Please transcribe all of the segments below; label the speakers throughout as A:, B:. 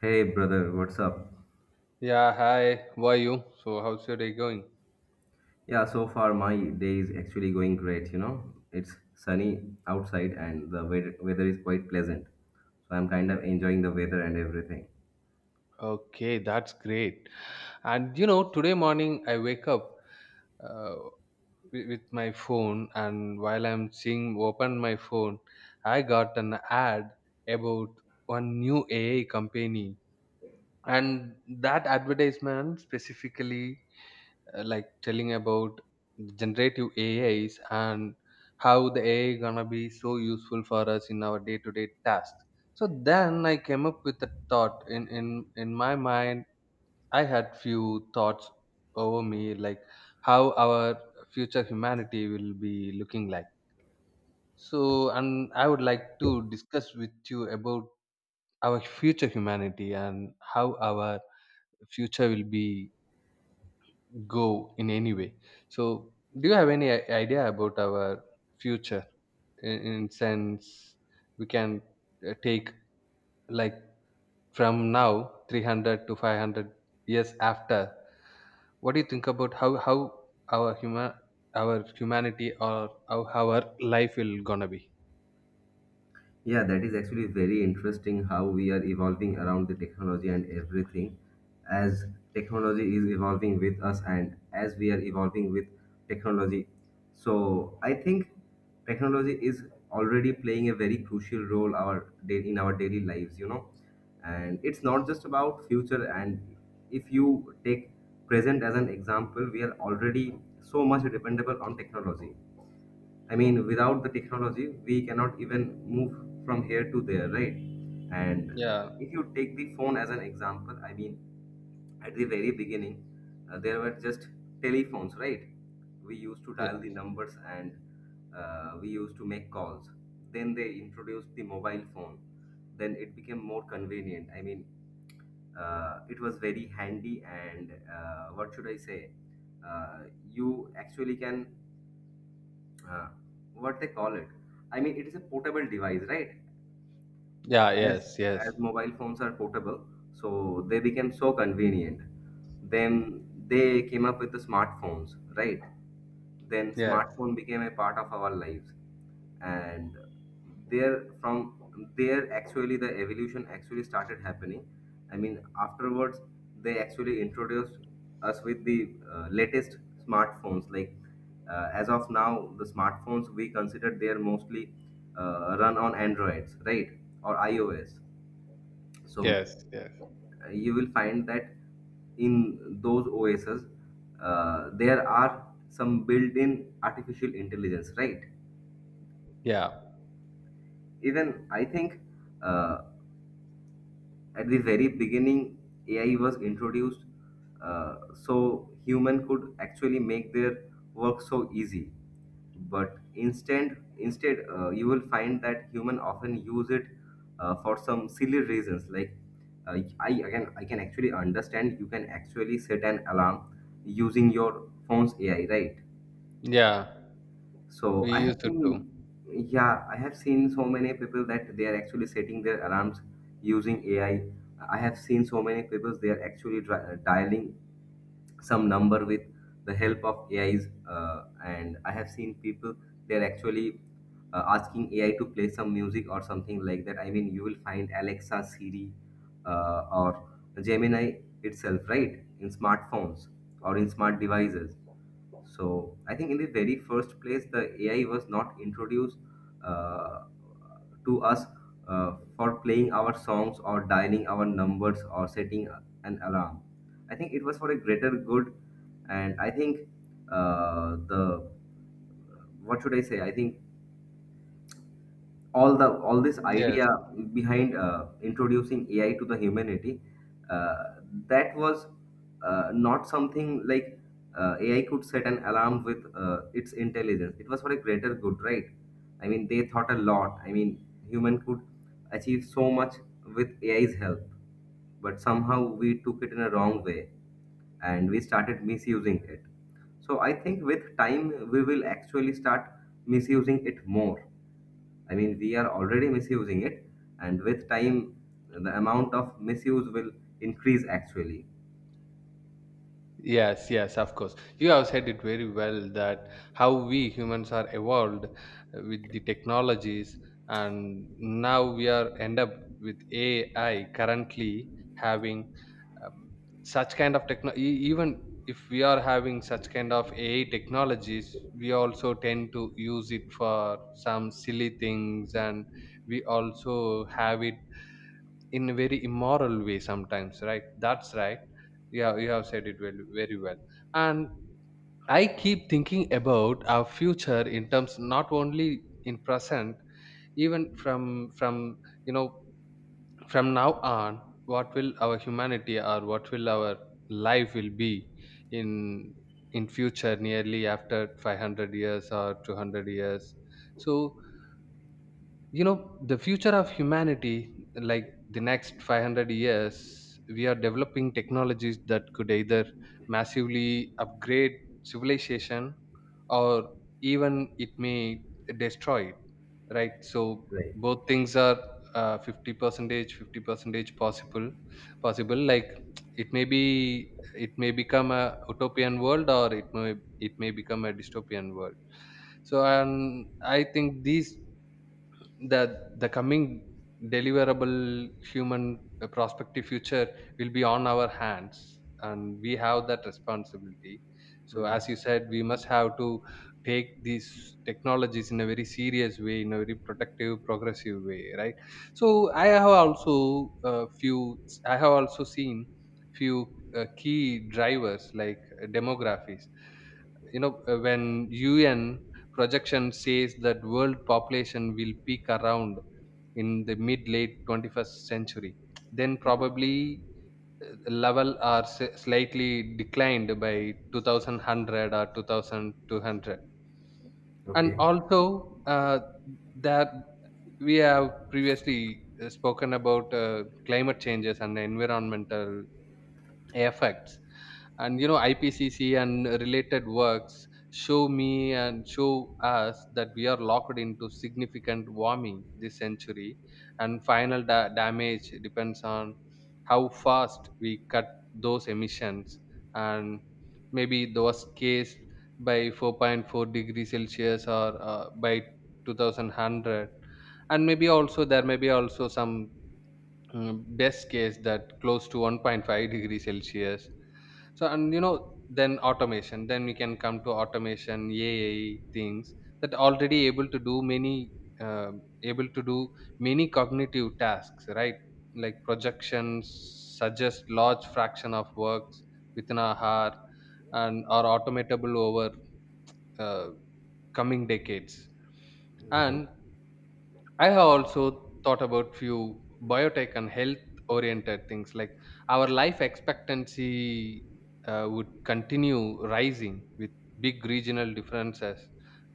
A: Hey brother, what's up?
B: Yeah, hi. How are you? So, how's your day going?
A: Yeah, so far my day is actually going great. It's sunny outside and the weather is quite pleasant. So I'm kind of enjoying the weather and everything.
B: Okay, that's great. And you know, today morning I wake up uh, with my phone, and while I'm seeing open my phone, I got an ad about one new AI company, and that advertisement specifically like telling about generative ais and how the ai gonna be so useful for us in our day-to-day tasks. So then I came up with a thought in my mind. I had few thoughts over me like how our future humanity will be looking like. So, and I would like to discuss with you about our future humanity and how our future will be go in any way. So, do you have any idea about our future in sense we can take like from now 300 to 500 years after? What do you think about how our human, our humanity, or how our life will gonna be?
A: Yeah, that is actually very interesting how we are evolving around the technology and everything. As technology is evolving with us and as we are evolving with technology. So I think technology is already playing a very crucial role our day in our daily lives. And it's not just about future and if you take present as an example, we are already so much dependable on technology. I mean, without the technology, we cannot even move from here to there, right? And
B: Yeah,
A: if you take the phone as an example, I mean, at the very beginning, there were just telephones, right? We used to
B: yeah,
A: dial the numbers and we used to make calls. Then they introduced the mobile phone. Then it became more convenient. I mean, it was very handy, and what should I say? Uh, you actually can, uh, what they call it, I mean it is a portable device, right?
B: yeah,
A: As
B: yes, yes,
A: mobile phones are portable, so they became so convenient. Then they came up with the smartphones, right? Then
B: yes,
A: smartphone became a part of our lives. And there from there actually the evolution actually started happening. I mean afterwards they actually introduced us with the latest smartphones like, as of now, the smartphones we consider, they are mostly run on androids, right? Or iOS. So
B: yes, yes,
A: you will find that in those OSs, there are some built-in artificial intelligence, right?
B: yeah,
A: Even I think, uh, at the very beginning AI was introduced, uh, so human could actually make their work so easy. But instead you will find that human often use it, for some silly reasons like, I can actually understand. You can actually set an alarm using your phone's AI, right?
B: yeah.
A: So
B: We
A: I have
B: used to do.
A: seen, yeah, I have seen so many people that they are actually setting their alarms using AI. I have seen so many people they are actually dialing some number with the help of AIs, and I have seen people they are actually, asking AI to play some music or something like that. I mean, you will find Alexa, Siri, or Gemini itself, right, in smartphones or in smart devices. So I think in the very first place, the AI was not introduced, uh, to us, for playing our songs or dialing our numbers or setting an alarm. I think it was for a greater good, and I think, the, what should I say? I think all this
B: Yes.
A: idea behind, introducing AI to the humanity, uh, that was, not something like, AI could set an alarm with, its intelligence. It was for a greater good, right? I mean, they thought a lot. I mean, human could achieve so much with AI's help, but somehow we took it in a wrong way and we started misusing it. So I think with time we will actually start misusing it more. I mean, we are already misusing it, and with time, the amount of misuse will increase actually.
B: Yes, yes, of course. You have said it very well, that how we humans are evolved with the technologies, and now we are end up with AI currently having um, such kind of techno. E- Even if we are having such kind of AI technologies, we also tend to use it for some silly things, and we also have it in a very immoral way sometimes, right? That's right. Yeah, you have said it well, very well. And I keep thinking about our future in terms, not only in present, even from you know, from now on, what will our humanity or what will our life will be in in future, nearly after 500 years or 200 years. So you know, the future of humanity, like the next 500 years, we are developing technologies that could either massively upgrade civilization, or even it may destroy it, right? So
A: Right.
B: both things are 50 percentage, 50 percentage possible. Like it may be, it may become a utopian world, or it may become a dystopian world. So, and I think the coming deliverable human prospective future will be on our hands, and we have that responsibility. So as you said, we must have to take these technologies in a very serious way, in a very protective, progressive way, right? So I have also seen few key drivers like demographies, you know, when un projection says that world population will peak around in the mid late 21st century, then
A: Mhm.
B: probably uh, level are slightly declined by 2100 or 2200. And
A: Okay.
B: also that we have previously spoken about climate changes and environmental effects. And you know, ipcc and related works show me and show us that we are locked into significant warming this century, and final damage depends on how fast we cut those emissions. And maybe the worst case by 4.4 degrees celsius, or by 2100. And maybe also there may be also some best case that close to 1.5 degrees celsius. So, and you know, then automation, then we can come to automation, AI things that already able to do uh, able to do many cognitive tasks, right? Like projections suggest large fraction of works within a hour and are automatable over uh, coming decades.
A: Right.
B: And I have also thought about few biotech and health oriented things like our life expectancy would continue rising with big regional differences.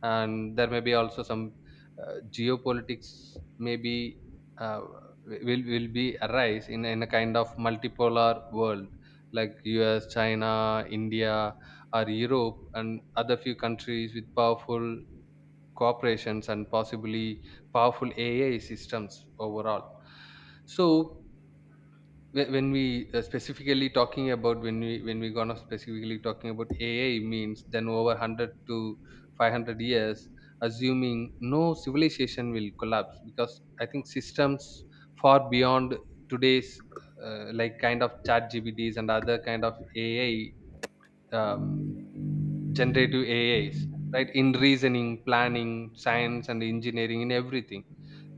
B: And there may be also some geopolitics maybe uh, will be arise in a kind of multipolar world, like US, China, India, or Europe, and other few countries with powerful cooperations and possibly powerful AI systems overall. So whe- when we specifically talking about when we gonna specifically talking about AI means, then over 100 to 500 years, assuming no civilization will collapse, because I think systems far beyond today's like kind of chat GBDs and other kind of AI. Um, Generative AIs, right? In reasoning, planning, science, and engineering, in everything,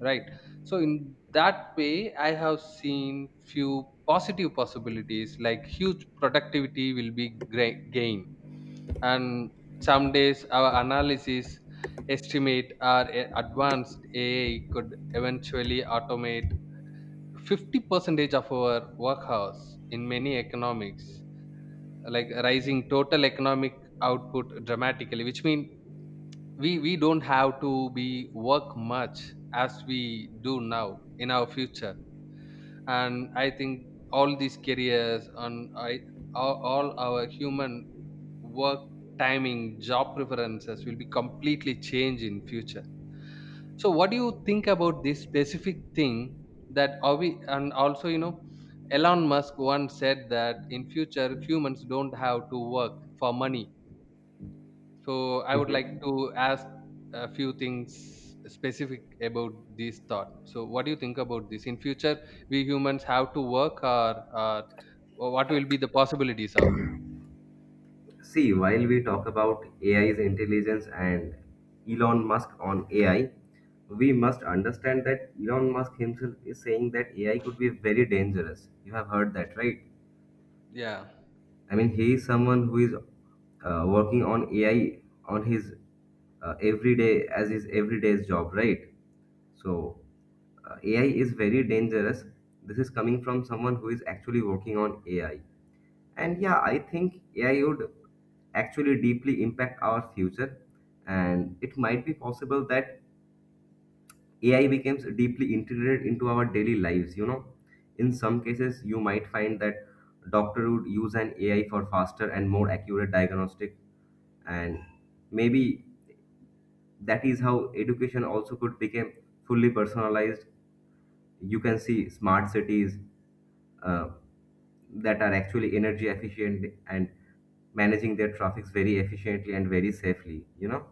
B: right? So in that way, I have seen few positive possibilities, like huge productivity will be great gain. And some days our analysis, estimate, or advanced AI could eventually automate 50 percentage of our work in many economics, like rising total economic output dramatically, which means we don't have to be work much as we do now in our future. And I think all these careers, and all our human work timing, job preferences will be completely changed in future. So what do you think about this specific thing, that are we, and also you know, elon musk once said that in future humans don't have to work for money. So I would like to ask a few things specific about this thought. So what do you think about this? In future, we humans have to work, or what will be the possibilities of?
A: See, while we talk about AI's intelligence and Elon Musk on AI, we must understand that Elon Musk himself is saying that AI could be very dangerous. You have heard that, right?
B: Yeah,
A: I mean, he is someone who is, working on AI on his, everyday as his everyday's job, right? So, AI is very dangerous. This is coming from someone who is actually working on AI. And yeah, I think AI would actually deeply impact our future. And it might be possible that AI becomes deeply integrated into our daily lives. You know, in some cases, you might find that doctor would use an AI for faster and more accurate diagnostic. And maybe that is how education also could become fully personalized. You can see smart cities, uh, that are actually energy efficient and managing their traffics very efficiently and very safely.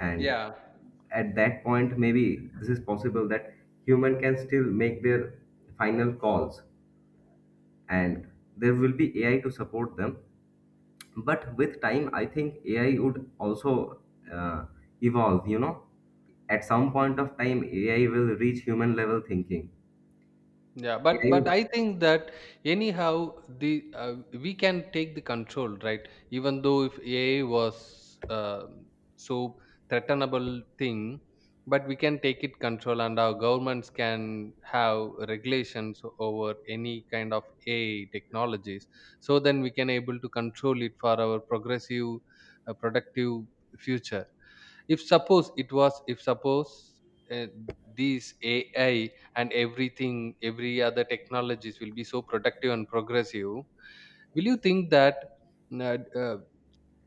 A: And
B: yeah.
A: at that point maybe this is possible that human can still make their final calls and there will be AI to support them. But with time I think AI would also, uh, evolve. At some point of time AI will reach human level thinking.
B: yeah but
A: AI
B: but
A: would.
B: i think that anyhow, the we can take the control, right? Even though if ai was so threatenable thing, but we can take it control and our governments can have regulations over any kind of ai technologies. So then we can able to control it for our progressive productive future. If suppose it was if suppose uh, these ai and everything, every other technologies will be so productive and progressive, will you think that uh, uh,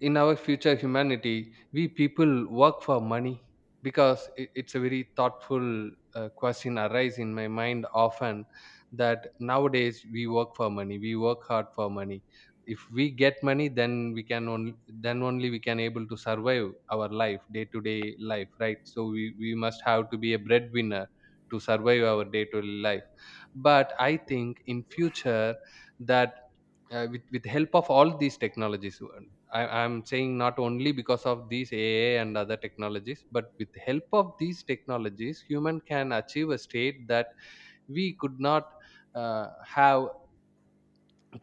B: in our future humanity we people work for money? Because it's a very thoughtful question arise in my mind often, that nowadays we work for money, we work hard for money. If we get money, then we can only, then only we can able to survive our life, day to day life, right? So we must have to be a breadwinner to survive our day to day life. But I think in future that with help of all these technologies, I'm saying not only because of these ai and other technologies, but with help of these technologies, human can achieve a state that we could not uh, have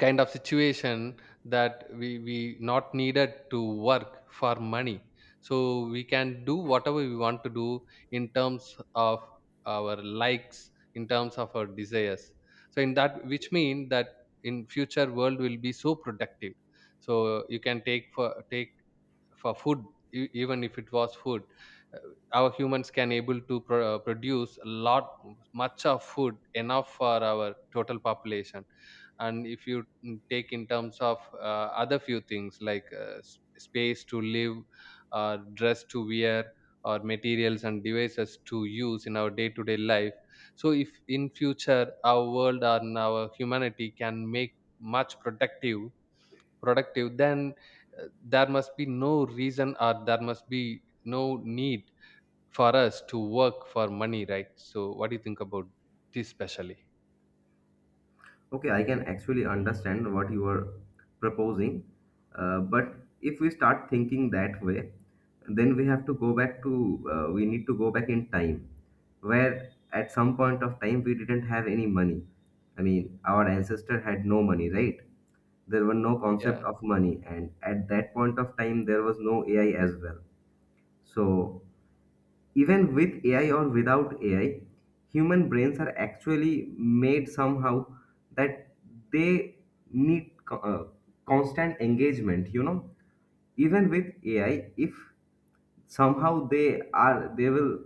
B: kind of situation that we not needed to work for money. So we can do whatever we want to do in terms of our likes, in terms of our desires. So in that which mean that, in future world will be so productive. So you can take for food. Even if it was food, uh, our humans can able to produce a lot much of food enough for our total population. And if you take in terms of other few things, like space to live, or dress to wear, or materials and devices to use in our day to day life. So if in future our world and our humanity can make much productive, then there must be no reason, or there must be no need for us to work for money, right? So what do you think about this specially?
A: Okay, I can actually understand what you are proposing, but if we start thinking that way, then we have to go back to, we need to go back in time, where at some point of time we didn't have any money. I mean, our ancestor had no money, right? There were no
B: Yeah.
A: concept of money, and at that point of time there was no AI as well. So even with AI or without AI, human brains are actually made somehow that they need, constant engagement. Even with AI, if somehow they are they will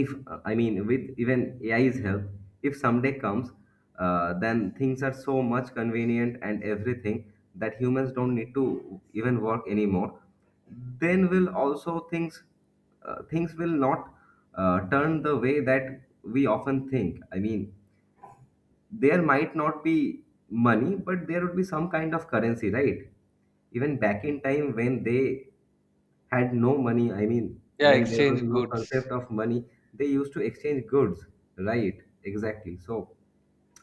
A: if I mean with even AI's help, if someday comes, then things are so much convenient and everything that humans don't need to even work anymore, then will also things, things will not, turn the way that we often think. I mean there might not be money but there would be some kind of currency, right? Even back in time when they had no money, I mean,
B: Yeah,
A: when there was
B: exchange
A: no concept
B: goods.
A: of money, they used to exchange goods, right? Exactly. So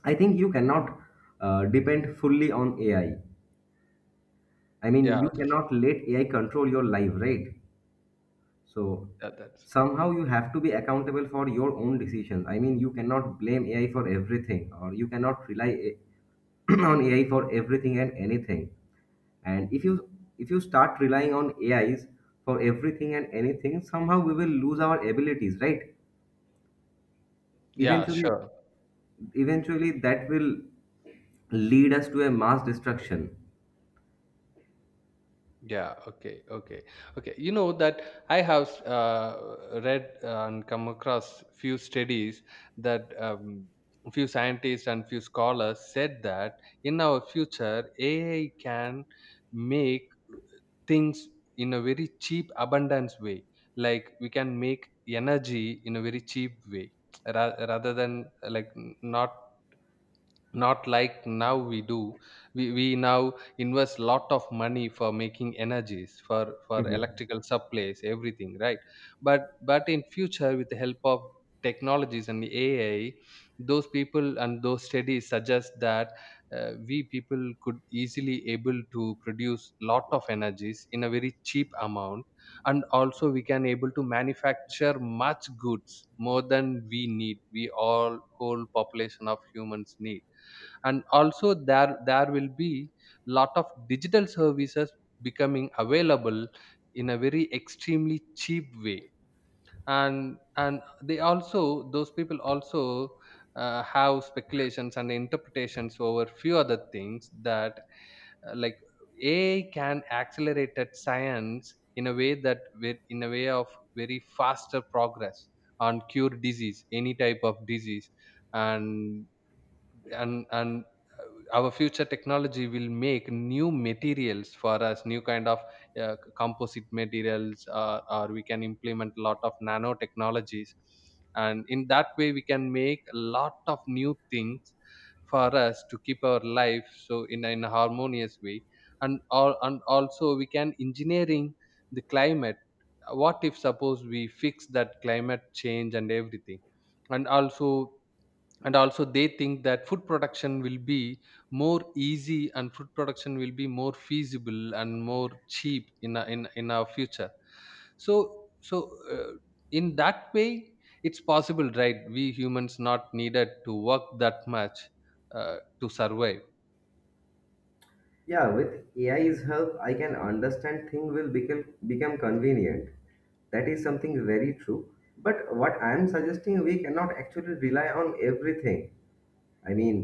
A: I think you cannot, depend fully on AI. I mean,
B: Yeah,
A: you cannot let AI control your life, right? So
B: that, that's
A: somehow you have to be accountable for your own decisions. I mean, you cannot blame AI for everything, or you cannot rely on AI for everything and anything. And if you start relying on AIs for everything and anything, somehow we will lose our abilities, right?
B: yeah,
A: eventually
B: sure.
A: eventually that will lead us to a mass destruction.
B: Yeah, okay, okay, okay. You know that, I have read and come across few studies that few scientists and few scholars said that in our future ai can make things in a very cheap abundance way. Like we can make energy in a very cheap way, rather than not like now we do, we now invest lot of money for making energies, for
A: Mhm.
B: electrical supplies, everything, right? But in future, with the help of technologies and ai, those people and those studies suggest that we people could easily able to produce lot of energies in a very cheap amount. And also we can able to manufacture much goods, more than we need, we all whole population of humans need. And also there will be lot of digital services becoming available in a very extremely cheap way. And they also, those people also have speculations and interpretations over few other things that like ai can accelerated science in a way that, with in a way of very faster progress on cure disease, any type of disease. And and our future technology will make new materials for us, new kind of composite materials, or we can implement a lot of nanotechnologies. And in that way we can make a lot of new things for us to keep our life so in a harmonious way. And all, and also we can engineering the climate. What if suppose we fix that climate change and everything. And also, and also they think that food production will be more easy, and food production will be more feasible and more cheap in our future. So So uh, in that way it's possible, right? We humans not needed to work that much to survive.
A: Yeah, with AI's help I can understand thing will become convenient. That is something very true. But what I am suggesting, we cannot actually rely on everything. I mean,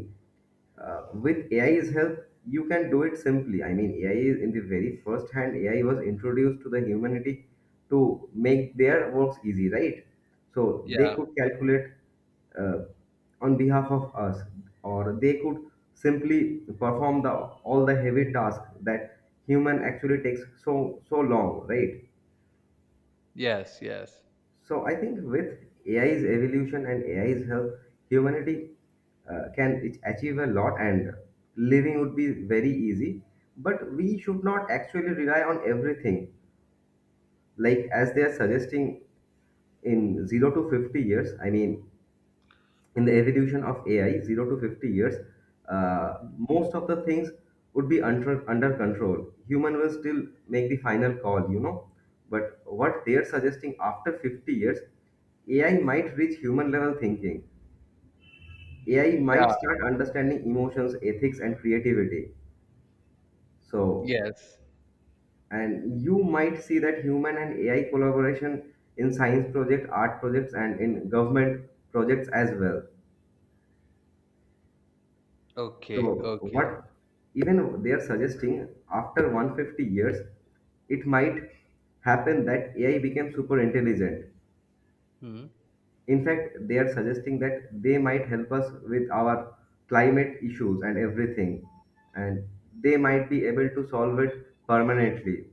A: with AI's help, you can do it simply. I mean, AI is in the very first hand, AI was introduced to the humanity to make their works easy, right? So they
B: Yeah.
A: could calculate, uh, on behalf of us, or they could simply perform the all the heavy tasks that human actually takes so so long, right?
B: Yes, yes.
A: So I think with AI's evolution and AI's help, humanity, can achieve a lot and living would be very easy. But we should not actually rely on everything. Like as they are suggesting in 0 to 50 years, I mean, in the evolution of AI, 0 to 50 years,
B: Mm.
A: most of the things would be under control. Human will still make the final call. But what they are suggesting after 50 years, AI might reach human level thinking. AI
B: Yeah.
A: might start understanding emotions, ethics, and creativity. So,
B: Yes.
A: and you might see that human and AI collaboration in science projects, art projects, and in government projects as well. So
B: Okay, okay.
A: what even they are suggesting after 150 years, it might happen that AI became super intelligent.
B: Hmm.
A: In fact, they are suggesting that they might help us with our climate issues and everything. And they might be able to solve it permanently.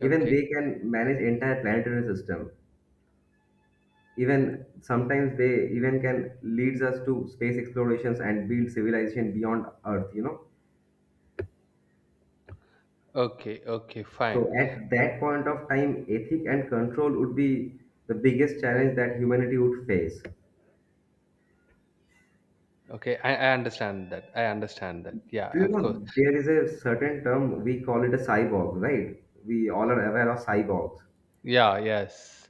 A: Even
B: Okay,
A: they can manage entire planetary system. Even sometimes they even can leads us to space explorations and build civilization beyond Earth.
B: okay. Okay, fine.
A: So at that point of time, ethic and control would be the biggest challenge that humanity would face. Do
B: Okay, I understand that, I understand that. Yeah,
A: you
B: of course.
A: know there is a certain term we call it a cyborg, right? We all are aware of cyborgs,
B: Yeah, yes.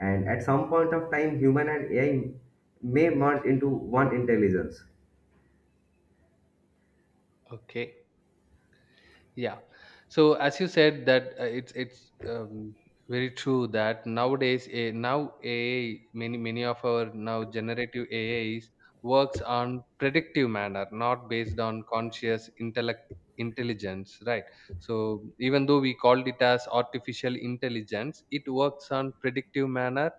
A: and at some point of time, human and AI may merge into one intelligence.
B: Okay. Yeah. So as you said that, it's very true that nowadays, a now AI, many of our now generative AIs works on predictive manner, not based on conscious intellect intelligence, right? So even though we called it as artificial intelligence, it works on predictive manner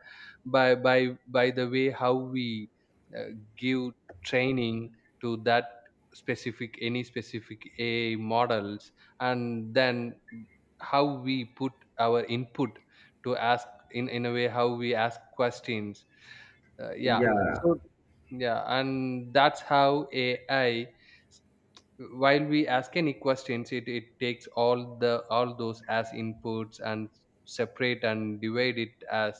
B: by the way how we uh, give training to that specific any specific AI models, and then how we put our input to ask in a way how we ask questions, yeah.
A: Yeah,
B: so yeah, and that's how AI, while we ask any questions, it takes all the all those as inputs and separate and divide it as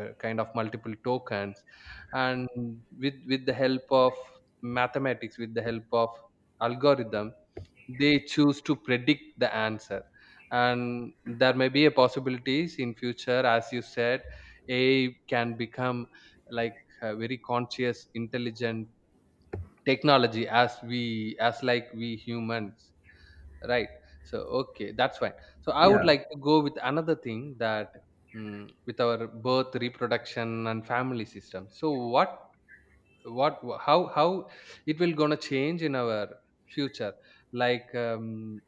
B: kind of multiple tokens, and with the help of mathematics, with the help of algorithm, they choose to predict the answer. And there may be a possibilities in future, as you said, AI can become like a very conscious intelligent technology as we as like we humans, right? So okay, that's fine. So I would
A: yeah,
B: like to go with another thing, that with our birth reproduction and family system. So what, what how it will gonna change in our future. Like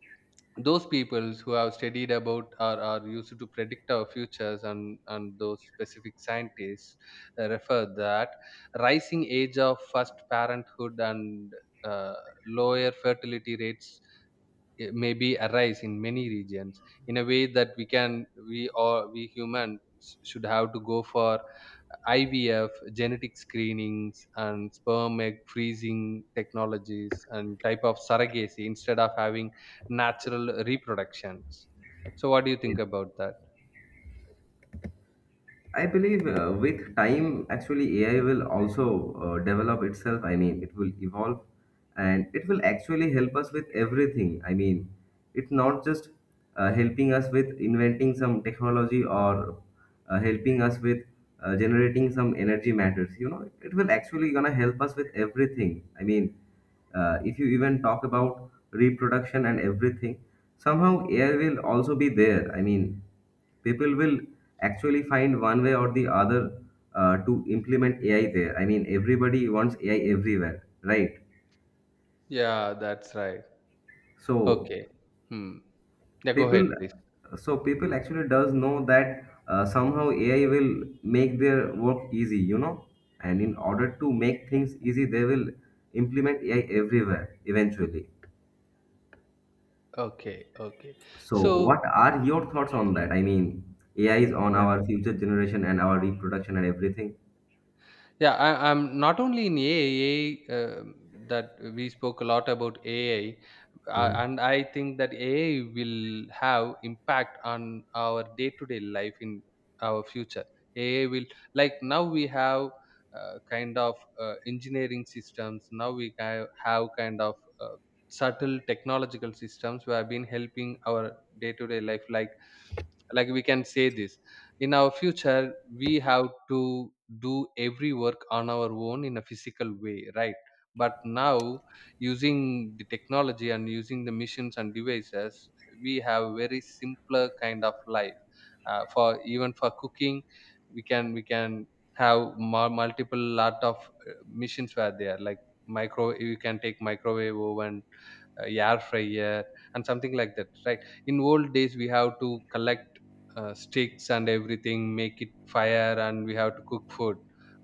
B: those peoples who have studied about or are used to predict our futures, and those specific scientists refer that rising age of first parenthood and uh, lower fertility rates may be arise in many regions, in a way that we can we or we humans should have to go for IVF, genetic screenings, and sperm egg freezing technologies and type of surrogacy instead of having natural reproductions. So, what do you
A: yeah.
B: think about that?
A: I believe, with time, actually, AI will also, develop itself. I mean, it will evolve and it will actually help us with everything. I mean, it's not just, helping us with inventing some technology or, helping us with, generating some energy matters. You know, it will actually gonna help us with everything. I mean, if you even talk about reproduction and everything, somehow AI will also be there. I mean, people will actually find one way or the other, to implement AI there. I mean, everybody wants AI everywhere, right?
B: Yeah, that's right.
A: So
B: Okay. Hmm. Yeah, go
A: people,
B: ahead, please.
A: people actually does know that, somehow AI will make their work easy. And in order to make things easy, they will implement AI everywhere eventually.
B: Okay. Okay.
A: So,
B: So,
A: what are your thoughts on that? I mean, AI is on our future generation and our reproduction and everything.
B: Yeah, I'm not only in AI, that we spoke a lot about AI,
A: Hmm.
B: and I think that AI will have impact on our day-to-day life in our future. AI will, like now we have kind of engineering systems. Now we have kind of subtle technological systems who have been helping our day-to-day life, like we can say this. In our future we have to do every work on our own in a physical way, right? But now, using the technology and using the machines and devices, we have very simpler kind of life. For even for cooking, we can, have multiple lot of machines where they are like, micro you can take microwave oven, air fryer, and something like that, right? In old days we have to collect sticks and everything, make it fire and we have to cook food.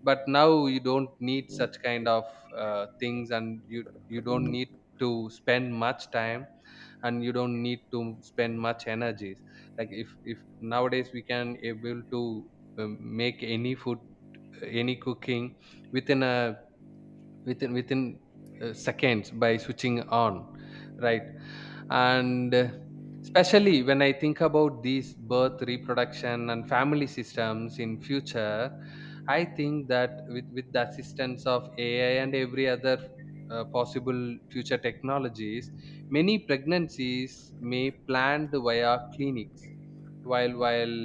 B: But now you don't need such kind of things, and you don't need to spend much time, and you don't need to spend much energies. Like if nowadays we can able to make any food, any cooking within a, within seconds, by switching on, right? And especially when I think about these birth reproduction and family systems in future, I think that with the assistance of AI and every other possible future technologies, many pregnancies may planned via clinics, while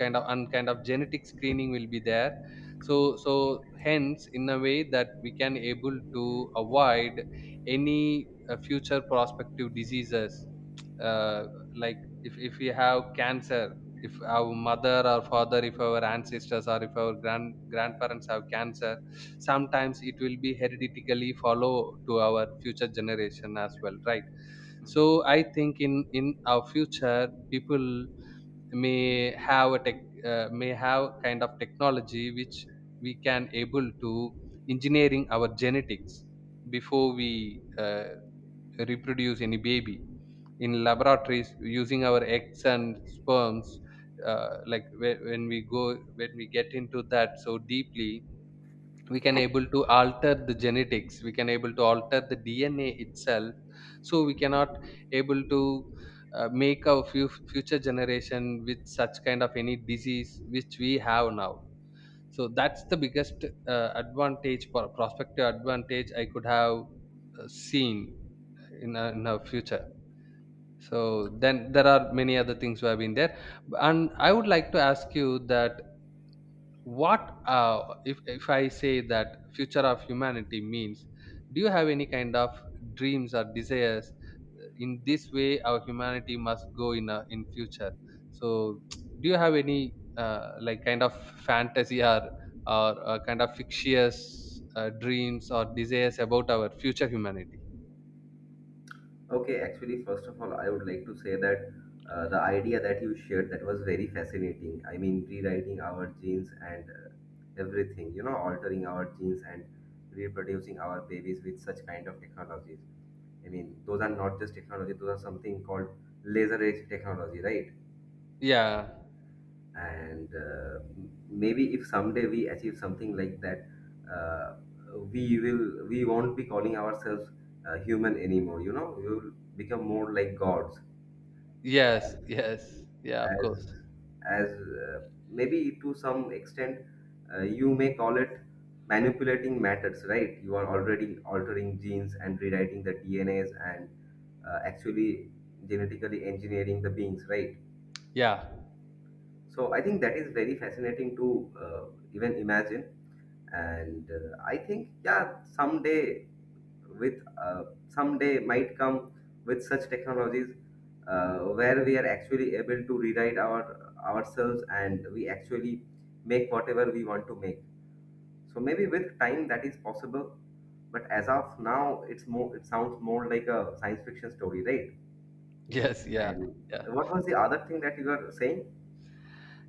B: kind of, and genetic screening will be there. So, hence in a way that we can able to avoid any future prospective diseases, uh, like if we have cancer, if our mother or father, if our ancestors or if our grandparents have cancer, sometimes it will be hereditarily follow to our future generation as well, right? So I think in our future, people may have a tech, may have kind of technology which we can able to engineering our genetics before we reproduce any baby in laboratories using our eggs and sperms. Like when we go, when we get into that so deeply, we can able to alter the genetics, we can able to alter the DNA itself. So we cannot able to make our future generation with such kind of any disease which we have now. So that's the biggest advantage, prospective advantage I could have seen in our future. So then there are many other things who have been there, and I would like to ask you that, what, if I say that future of humanity means, do you have any kind of dreams or desires? In this way, our humanity must go in a, in future. So, do you have any like kind of fantasy or kind of fictitious dreams or desires about our future humanity?
A: Okay, actually, first of all, I would like to say that the idea that you shared that was very fascinating. I mean, rewriting our genes and everything, you know, altering our genes and reproducing our babies with such kind of technologies. I mean, those are not just technology; those are something called laser edge technology, right?
B: Yeah.
A: And maybe if someday we achieve something like that, uh, we won't be calling ourselves human anymore. You know, we will become more like gods
B: Yes. Yes. Yeah. Of
A: as
B: course.
A: as uh, maybe to some extent, you may call it manipulating matters, right? You are already altering genes and rewriting the dnas, and actually genetically engineering the beings, right?
B: Yeah.
A: So I think that is very fascinating to uh, even imagine. And I think, yeah, someday with someday might come with such technologies, where we are actually able to rewrite ourselves, and we actually make whatever we want to make. So maybe with time that is possible, but as of now it sounds more like a science fiction story, right?
B: Yes. Yeah.
A: And
B: Yeah.
A: what was the other thing that you were saying?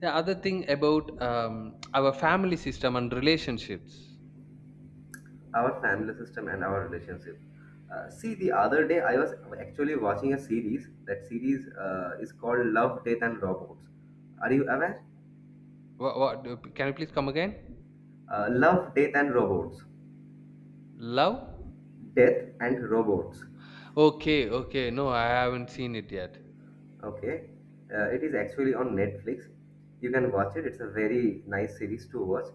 B: Yeah. Other thing about our family system and relationships.
A: Our family system and our relationship. See, the other day I was actually watching a series. That series is called Love, Death, and Robots. Are you aware?
B: What, what? Can you please come again?
A: Love, Death, and Robots.
B: Love.
A: Death and Robots.
B: Okay. Okay. No, I haven't seen it yet.
A: Okay. It is actually on Netflix. You can watch it. It's a very nice series to watch.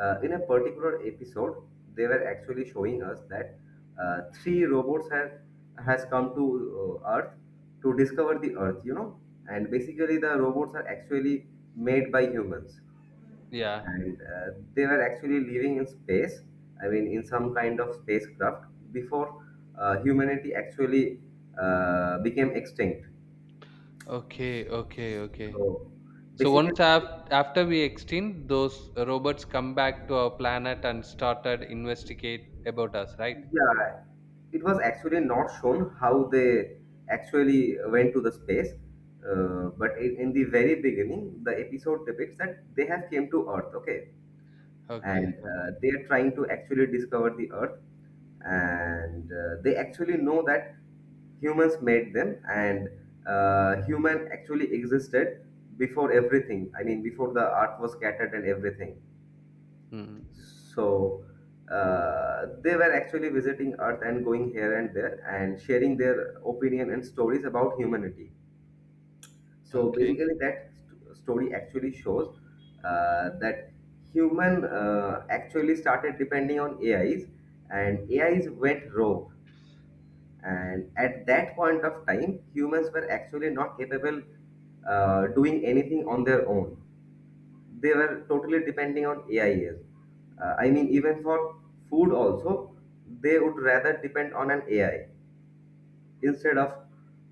A: In a particular episode, they were actually showing us that three robots have has come to Earth to discover the Earth. You know, and basically the robots are actually made by humans,
B: Yeah.
A: and they were actually living in space. I mean, in some kind of spacecraft before humanity actually became extinct.
B: Okay. Okay. Okay.
A: So
B: So
A: basically,
B: once after we extinct, those robots come back to our planet and started investigate about us, right?
A: yeah, it was actually not shown how they actually went to the space. But in the very beginning, the episode depicts that they have came to Earth, okay,
B: Okay.
A: and
B: Okay.
A: they are trying to actually discover the Earth, and they actually know that humans made them, and human actually existed before everything. I mean, before the Earth was scattered and everything.
B: Hmm.
A: So they were actually visiting Earth and going here and there and sharing their opinion and stories about humanity. So
B: Okay.
A: basically, that story actually shows that human actually started depending on AIs, and AIs went rogue. And at that point of time, humans were actually not capable doing anything on their own. They were totally depending on AIs. I mean, even for food also, they would rather depend on an AI instead of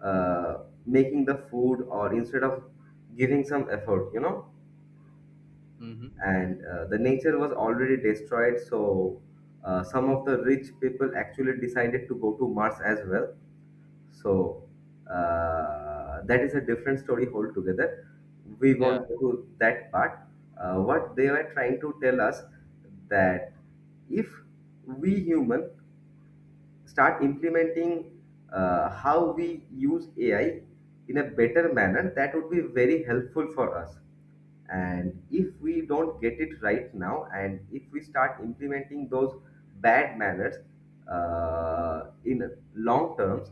A: making the food or instead of giving some effort, you know.
B: Mm-hmm.
A: And the nature was already destroyed, so some of the rich people actually decided to go to Mars as well. So that is a different story altogether. We
B: Yeah.
A: won't go to that part. What they were trying to tell us that if we human start implementing how we use AI in a better manner, that would be very helpful for us. And if we don't get it right now, and if we start implementing those bad manners in long terms,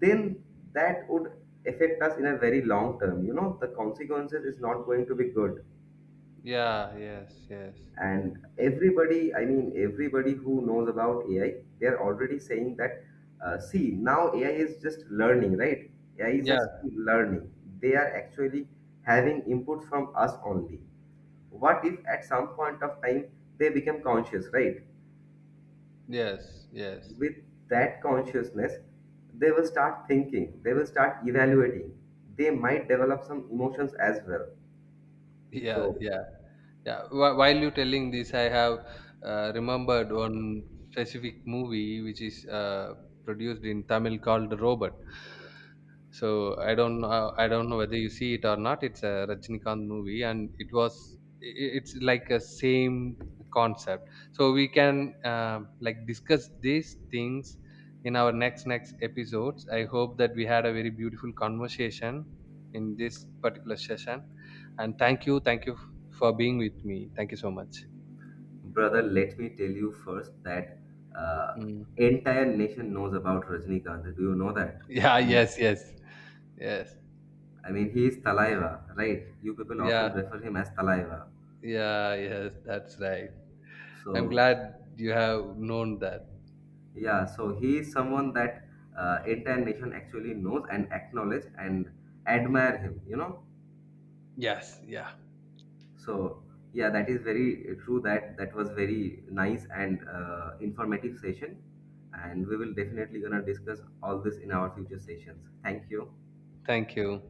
A: then that would affect us in a very long term. You know, the consequences is not going to be good.
B: Yeah. Yes. Yes.
A: And
B: Okay.
A: everybody, I mean everybody who knows about ai, they are already saying that, see, now ai is just learning right Ai is
B: Yeah.
A: just learning. They are actually having input from us only. What if at some point of time they become conscious, right?
B: Yes. Yes.
A: With that consciousness they will start thinking, they will start evaluating, they might develop some emotions as well.
B: Yeah,
A: So
B: yeah, yeah. While you telling this, I have remembered one specific movie which is produced in Tamil, called Robot. So I don't know whether you see it or not. It's a Rajnikant movie, and it was, it's like a same concept. So we can like discuss these things in our next episodes. I hope that we had a very beautiful conversation in this particular session. And thank you, for being with me. Thank you so much.
A: brother, let me tell you first that uh,
B: Mm.
A: entire nation knows about Rajnikant. Do you know that?
B: Yeah,
A: I mean,
B: yes, yes, yes.
A: I mean, he is Talaiva, right? You people often
B: Yeah,
A: refer him as Talaiva.
B: yeah, yes, that's right. I'm
A: So
B: glad you have known that.
A: yeah, so he is someone that entire nation actually knows and acknowledge and admire him. You know,
B: Yes, yeah.
A: so yeah, that is very true. That was very nice and informative session, and we will definitely gonna discuss all this in our future sessions. Thank you.
B: Thank you.